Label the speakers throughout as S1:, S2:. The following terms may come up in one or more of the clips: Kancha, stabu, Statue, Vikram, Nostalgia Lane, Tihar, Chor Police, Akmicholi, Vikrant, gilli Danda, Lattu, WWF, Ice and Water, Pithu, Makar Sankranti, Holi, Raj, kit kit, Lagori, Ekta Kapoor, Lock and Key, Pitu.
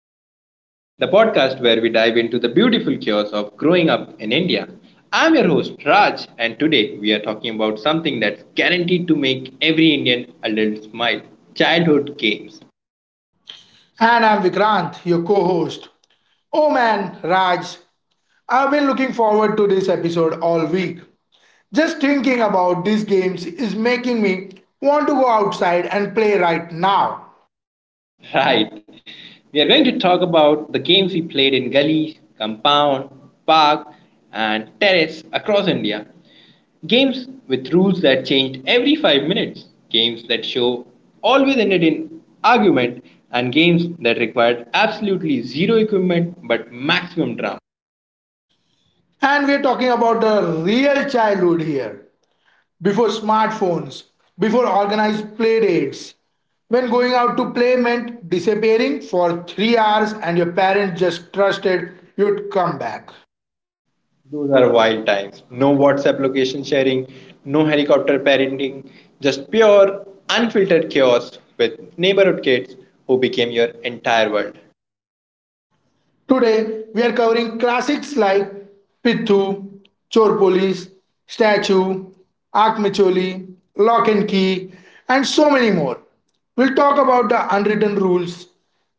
S1: Lane, the podcast where we dive into the beautiful chaos of growing up in India. I'm your host, Raj, and today we are talking about something that's guaranteed to make every Indian adult smile childhood games.
S2: And I'm Vikrant, your co host. Oh man, Raj, I've been looking forward to this episode all week. Just thinking about these games is making me want to go outside and play right now.
S1: Right, we are going to talk about the games we played in gully, compound, park, and terrace across India. Games with rules that changed every 5 minutes, games that show always ended in argument, and games that required absolutely zero equipment but maximum drama.
S2: And we're talking about the real childhood here. Before smartphones, before organized play dates, when going out to play meant disappearing for 3 hours and your parents just trusted you'd come back.
S1: Those are wild times. No WhatsApp location sharing, no helicopter parenting, just pure, unfiltered chaos with neighborhood kids who became your entire world.
S2: Today, we are covering classics like Pithu, Chor Police, Statue, Akmicholi, Lock and Key, and so many more. We'll talk about the unwritten rules,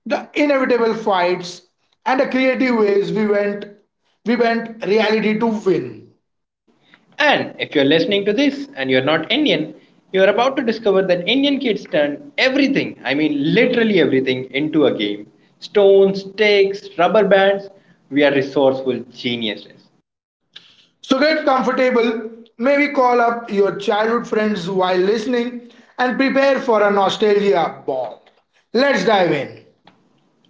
S2: the inevitable fights, and the creative ways we went reality to win.
S1: And if you're listening to this and you're not Indian, you're about to discover that Indian kids turn everything, I mean literally everything, into a game. Stones, sticks, rubber bands. We are resourceful geniuses.
S2: So get comfortable, maybe call up your childhood friends while listening, and prepare for a nostalgia bomb. Let's dive in.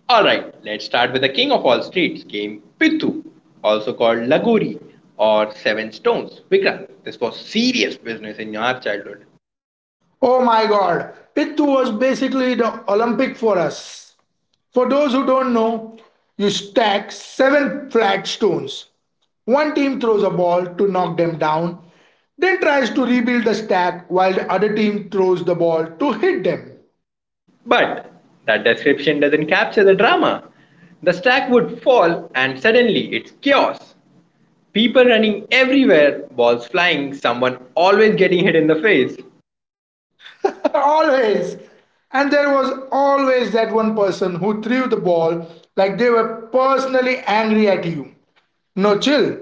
S1: Alright, let's start with the king of all streets game, Pitu, also called Lagori or Seven Stones. Vikram, this was serious business in our childhood.
S2: Oh my god, Pittu was basically the Olympic for us. For those who don't know, you stack seven flat stones. One team throws a ball to knock them down, then tries to rebuild the stack while the other team throws the ball to hit them.
S1: But that description doesn't capture the drama. The stack would fall, and suddenly it's chaos. People running everywhere, balls flying, someone always getting hit in the face.
S2: Always. And there was always that one person who threw the ball like they were personally angry at you. No chill,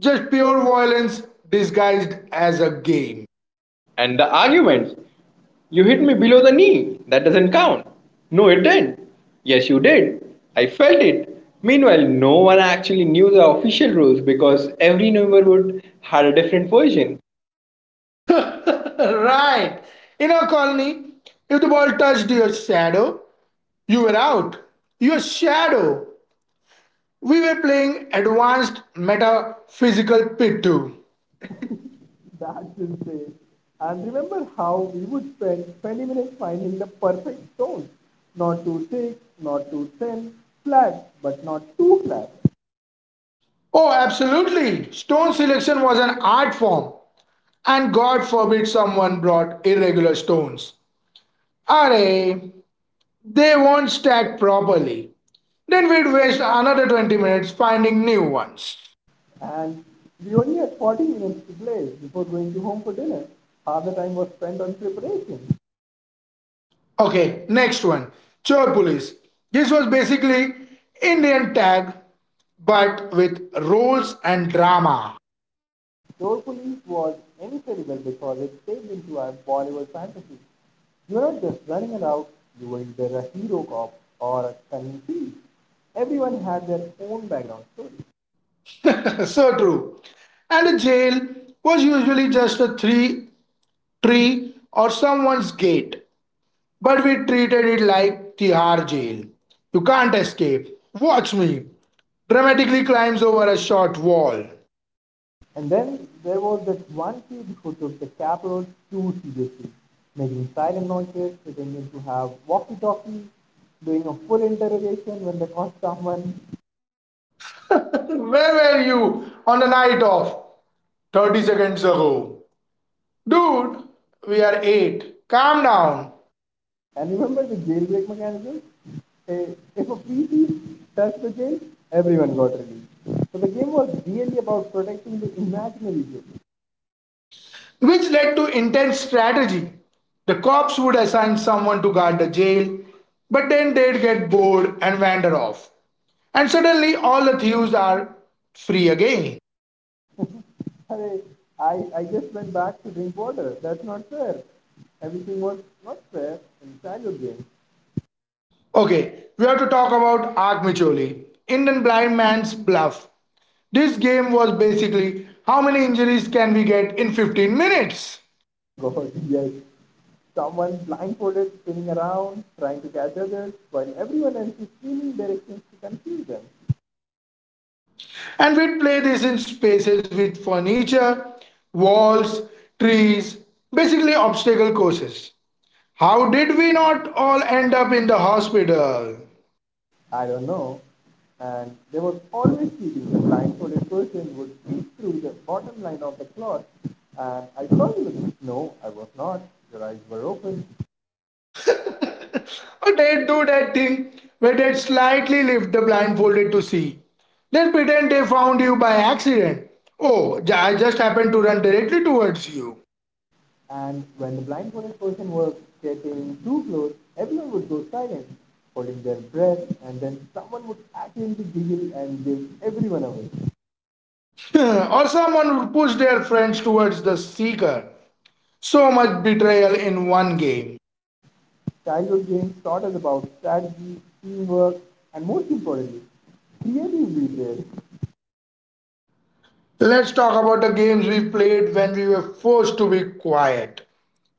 S2: just pure violence disguised as a game.
S1: And the arguments. You hit me below the knee. That doesn't count. No, it didn't. Yes, you did. I felt it. Meanwhile, no one actually knew the official rules because every neighborhood had a different version.
S2: Right. In our colony, if the ball touched your shadow, you were out. Your shadow. We were playing advanced metaphysical pit too.
S1: That's insane. And remember how we would spend 20 minutes finding the perfect stone. Not too thick, not too thin, flat, but not too flat.
S2: Oh, absolutely. Stone selection was an art form. And God forbid someone brought irregular stones. Array, they won't stack properly. Then we'd waste another 20 minutes finding new ones. Okay, next one. Chor police. This was basically Indian tag, but with roles and drama. So true. And a jail was usually just a three tree or someone's gate, but we treated it like Tihar jail. You can't escape. Watch me. Dramatically climbs over a short wall. Where were you on the night of 30 seconds ago? Dude, we are 8. Calm down.
S1: And remember the jailbreak mechanism? Hey, if a species touched the jail, everyone got released. So the game was really about protecting the imaginary jail.
S2: Which led to intense strategy. The cops would assign someone to guard the jail, but then they'd get bored and wander off. And suddenly all the thieves are free again.
S1: Hey, I, I just went back to drink water. That's where everywhere childhood game.
S2: Okay, we have to talk about Arkmicholi, Indian blind man's bluff. This game was basically, how many injuries can we get in 15 minutes?
S1: One blindfolded, spinning around, trying to,
S2: And we'd play this in spaces with furniture, walls, trees, basically obstacle courses. How did we not all end up in the hospital? Or they'd do that thing where they'd slightly lift the blindfolded to see. Then pretend they found you by accident. Oh, ja, I just happened to run directly towards you. Or someone would push their friends towards the seeker. So much betrayal in one game. Let's talk about the games we played when we were forced to be quiet,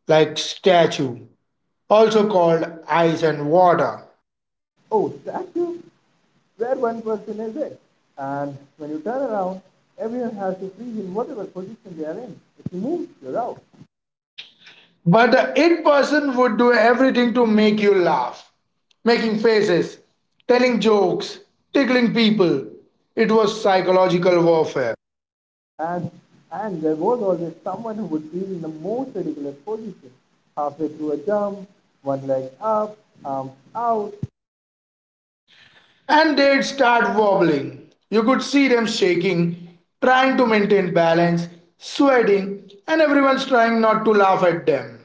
S2: like Statue, also called Ice and Water. But the it person would do everything to make you laugh, making faces, telling jokes, tickling people. It was psychological warfare. And they'd start wobbling. You could see them shaking, trying to maintain balance, sweating, and everyone's trying not to laugh at them.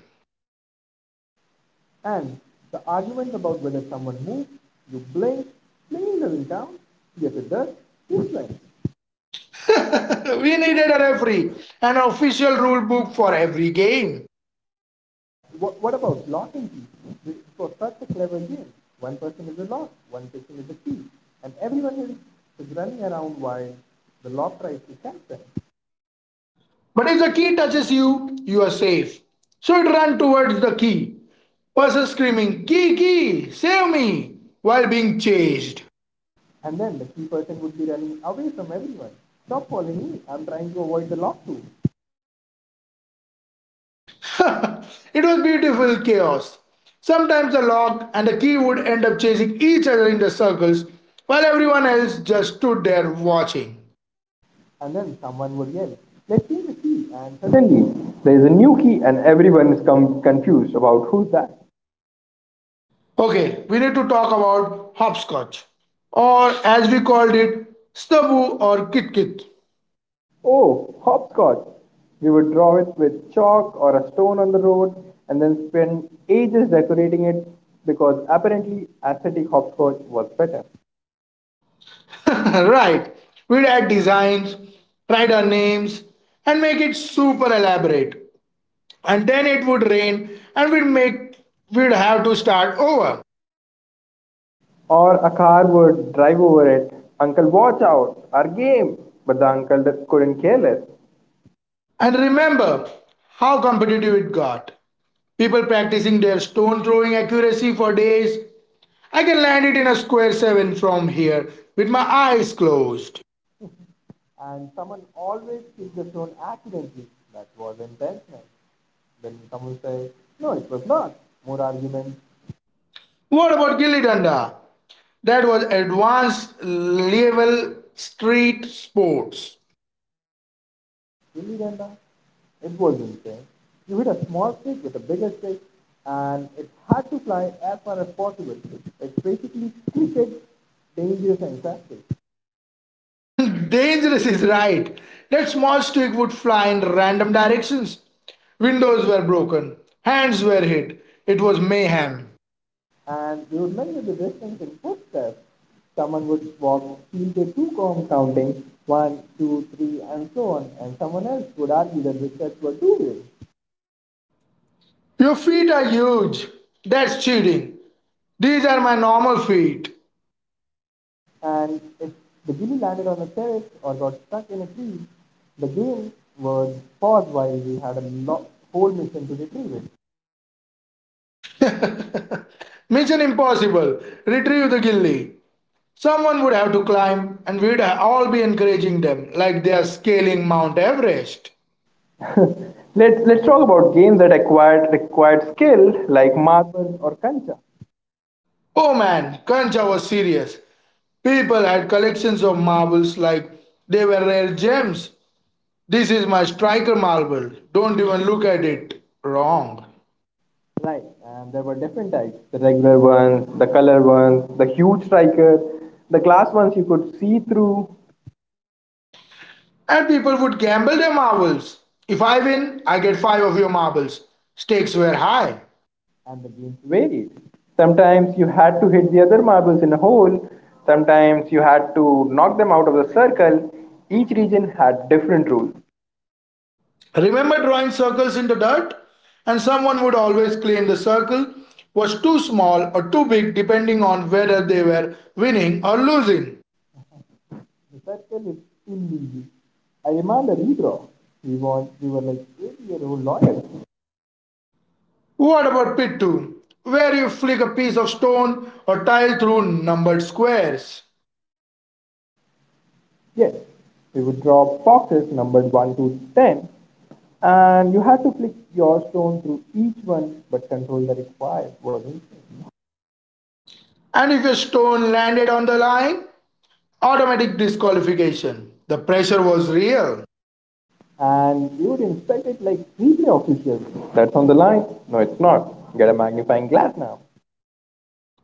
S2: We needed a referee, an official rule book for every game. But if the key touches you, you are safe. So it ran towards the key. Person screaming, "Key, key, save me," while being chased. It was beautiful chaos. Sometimes the lock and the key would end up chasing each other in the circles while everyone else just stood there watching.
S1: and then someone would yell, "Let's see the key!" And suddenly there is a new key, and everyone is confused about who's that.
S2: Okay, we need to talk about hopscotch, or as we called it, stabu or kit kit.
S1: Oh, hopscotch! We would draw it with chalk or a stone on the road and then spend ages decorating it because apparently aesthetic hopscotch was better.
S2: Right. We'd add designs, write our names, and make it super elaborate. And then it would rain, and we'd have to start over.
S1: Or a car would drive over it, Uncle, watch out, our game! But the couldn't care less.
S2: And remember how competitive it got. People practicing their stone throwing accuracy for days. I can land it in a square seven from here with my eyes closed. What about gilli Danda? That was advanced level street sports. Dangerous is right. That small stick would fly in random directions. Windows were broken. Hands were hit. It was mayhem. Your feet are huge. That's cheating. These are my normal feet. Mission impossible. Retrieve the gilly. Someone would have to climb, and we'd all be encouraging them like they are scaling Mount Everest. Oh man, Kancha was serious. People had collections of marbles like they were rare gems. This is my striker marble. Don't even look at it. Wrong. And people would gamble their marbles. If I win, I get five of your marbles. Stakes were high. Remember drawing circles in the dirt? And someone would always claim the circle was too small or too big depending on whether they were winning or losing. What about pit 2? Where you flick a piece of stone or tile through numbered squares. And if your stone landed on the line, automatic disqualification. The pressure was real.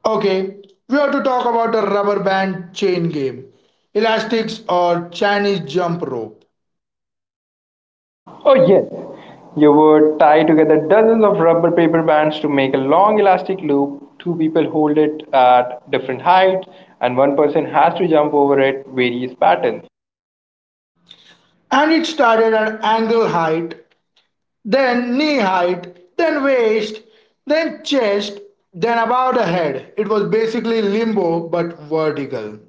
S2: Okay, we have to talk about the rubber band chain game, elastics or Chinese jump rope. And it started at ankle height, then knee height, then waist, then chest, then about a head. It was basically limbo but vertical.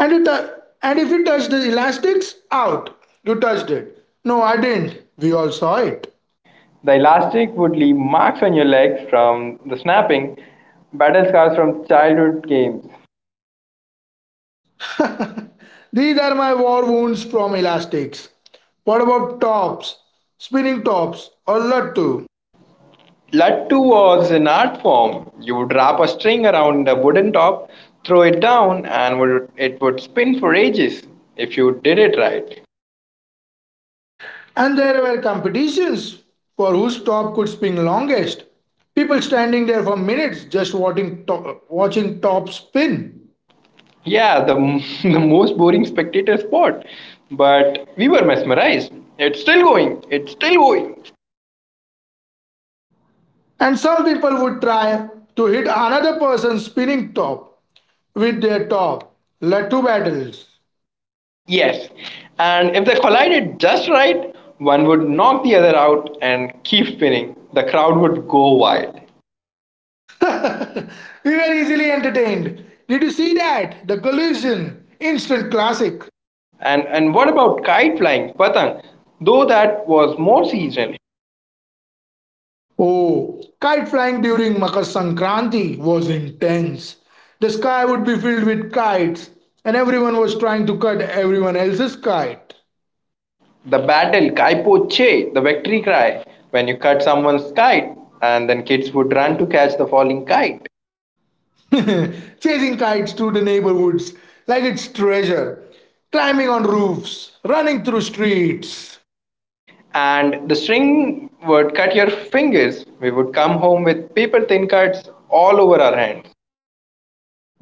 S2: And you tou- and if you touch the elastics, out. You touched it. No, I didn't. We all saw it. These are my war wounds from elastics. What about tops, spinning tops, or lattu?
S1: Lattu was an art form. You would wrap a string around a wooden top, throw it down, and it would spin for ages if you did it right.
S2: And there were competitions for whose top could spin longest. People standing there for minutes just watching top spin.
S1: Yeah, the the most boring spectator sport, but we were mesmerized. It's still going. It's still going.
S2: And some people would try to hit another person's spinning top with their top. Lattu battles.
S1: Yes, and if they collided just right, one would knock the other out and keep spinning. The crowd would go wild.
S2: We were easily entertained. Did you see that? The collision. Instant classic. Oh, kite flying during Makar Sankranti was intense. The sky would be filled with kites, and everyone was trying to cut everyone else's kite. Chasing kites through the neighborhoods like it's treasure, climbing on roofs, running through streets.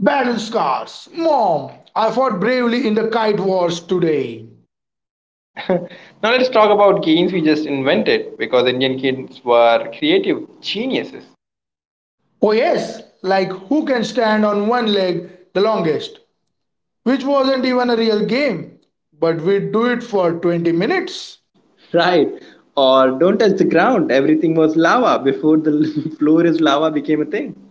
S2: Battle scars. Mom, I fought bravely in the kite wars today. Oh, yes, like who can stand on one leg the longest? Which wasn't even a real game, but we'd do it for 20 minutes.
S1: Right. Or don't touch the ground. Everything was lava before the floor is lava became a thing.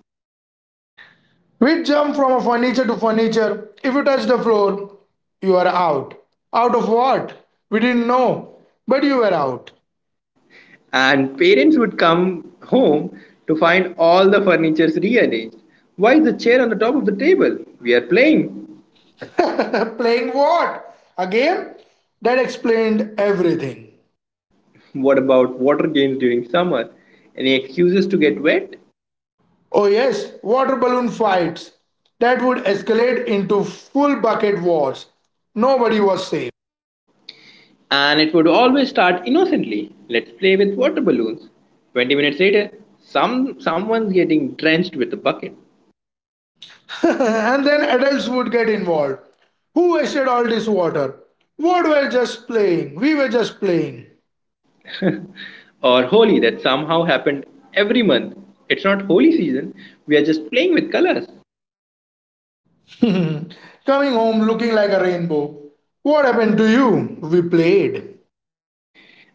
S2: We'd jump from a furniture to furniture. If you touch the floor, you are out. Out of what? We didn't know, but you were out.
S1: And parents would come home to find all the furniture's rearranged. Why is the chair on the top of the table? We are playing.
S2: Playing what? A game? That explained everything.
S1: What about water games during summer? Any excuses to get wet?
S2: Oh, yes, water balloon fights. That would escalate into full bucket wars. Nobody was safe.
S1: And it would always start innocently. Let's play with water balloons. 20 minutes later, someone's getting drenched with a bucket.
S2: And then adults would get involved. Who wasted all this water? What were just playing? We were just playing.
S1: Or Holi that somehow happened every month. It's not Holi season. We are just playing with colors.
S2: Coming home looking like a rainbow. What happened to you? We played.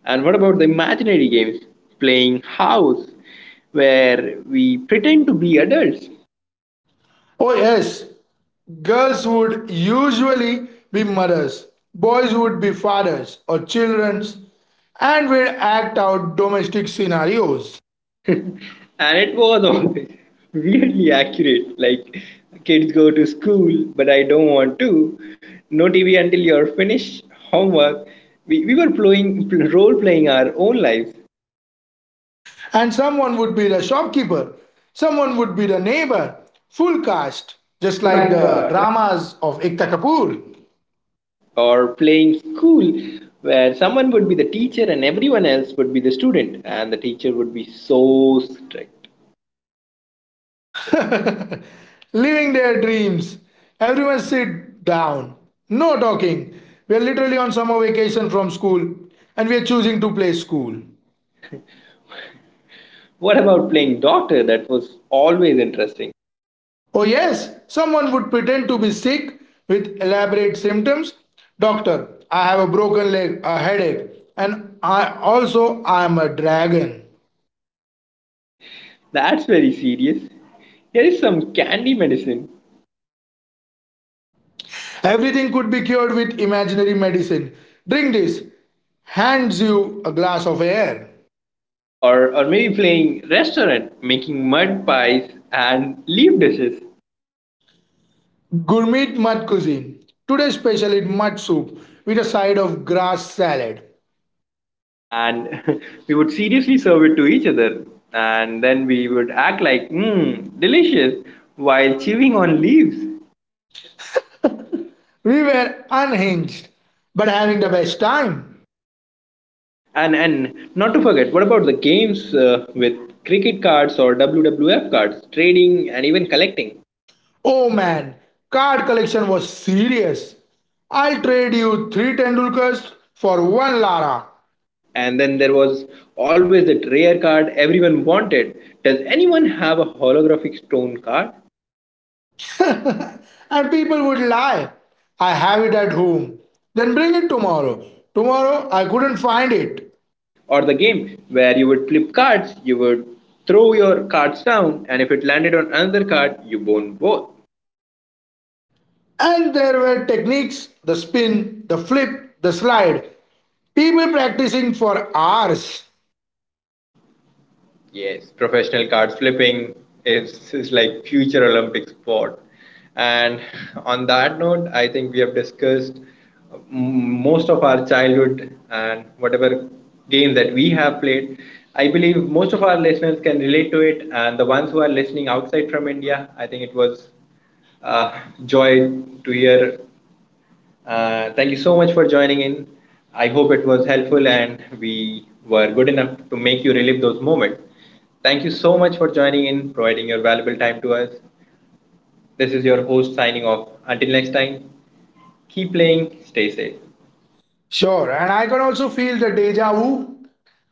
S1: And what about the imaginary games? Playing house where we pretend to be adults
S2: Oh, yes. Girls would usually be mothers, boys would be fathers or childrens, and we'd act out domestic scenarios.
S1: and it was always weirdly accurate. Like, kids go to school, but I don't want to. No TV until you're finished homework. We were playing role playing our own lives.
S2: And someone would be the shopkeeper, someone would be the neighbor, full cast, just
S1: Just
S2: like
S1: like
S2: the
S1: the
S2: dramas of Ekta Kapoor.
S1: or playing school where someone would be the teacher and everyone else would be the student and the teacher would be so strict
S2: Living their dreams. Everyone sit down. No talking. We're literally on summer vacation from school and we're choosing to play school.
S1: what about playing doctor that was always interesting
S2: Oh, yes, someone would pretend to be sick with elaborate symptoms. Doctor, I have a broken leg, a headache, and I also I am a dragon.
S1: that's very serious here is some candy medicine
S2: Everything could be cured with imaginary medicine. Drink this. Hands you a glass of air.
S1: Or maybe playing restaurant, making mud pies and leaf dishes.
S2: Gourmet mud cuisine. Today's special is mud soup with a side of grass salad.
S1: And we would seriously serve it to each other. And then we would act like, mmm, delicious, while chewing on leaves.
S2: We were unhinged, but having the best time.
S1: And not to forget, what about the games with cricket cards or WWF cards, trading and even collecting?
S2: Oh man, card collection was serious. I'll trade you three Tendulkars for one Lara.
S1: And then there was always that rare card everyone wanted. Does anyone have a holographic stone card?
S2: And people would lie. I have it at home. Then bring it tomorrow. Tomorrow I couldn't find it.
S1: Or the game where you would flip cards, you would throw your cards down, and if it landed on another card, you won both.
S2: And there were techniques: the spin, the flip, the slide. People practicing for hours.
S1: Yes, professional card flipping is like future Olympic sport. And on that note, I think we have discussed most of our childhood and whatever game that we have played. I believe most of our listeners can relate to it, and the ones who are listening outside from India, I think it was uh, joy to hear. Thank you so much for joining in. I hope it was helpful and we were good enough to make you relive those moments. Thank you so much for joining in, providing your valuable time to us. This is your host signing off. Until next time, keep playing, stay safe.
S2: Sure, and I can also feel the deja vu,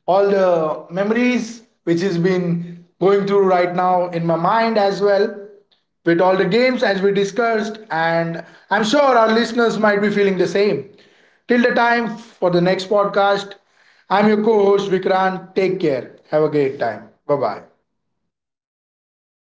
S2: all the memories which has been going through right now in my mind as well, with all the games as we discussed. And I'm sure our listeners might be feeling the same. Till the time for the next podcast, I'm your co host Vikrant. Take care. Have a great time. Bye bye.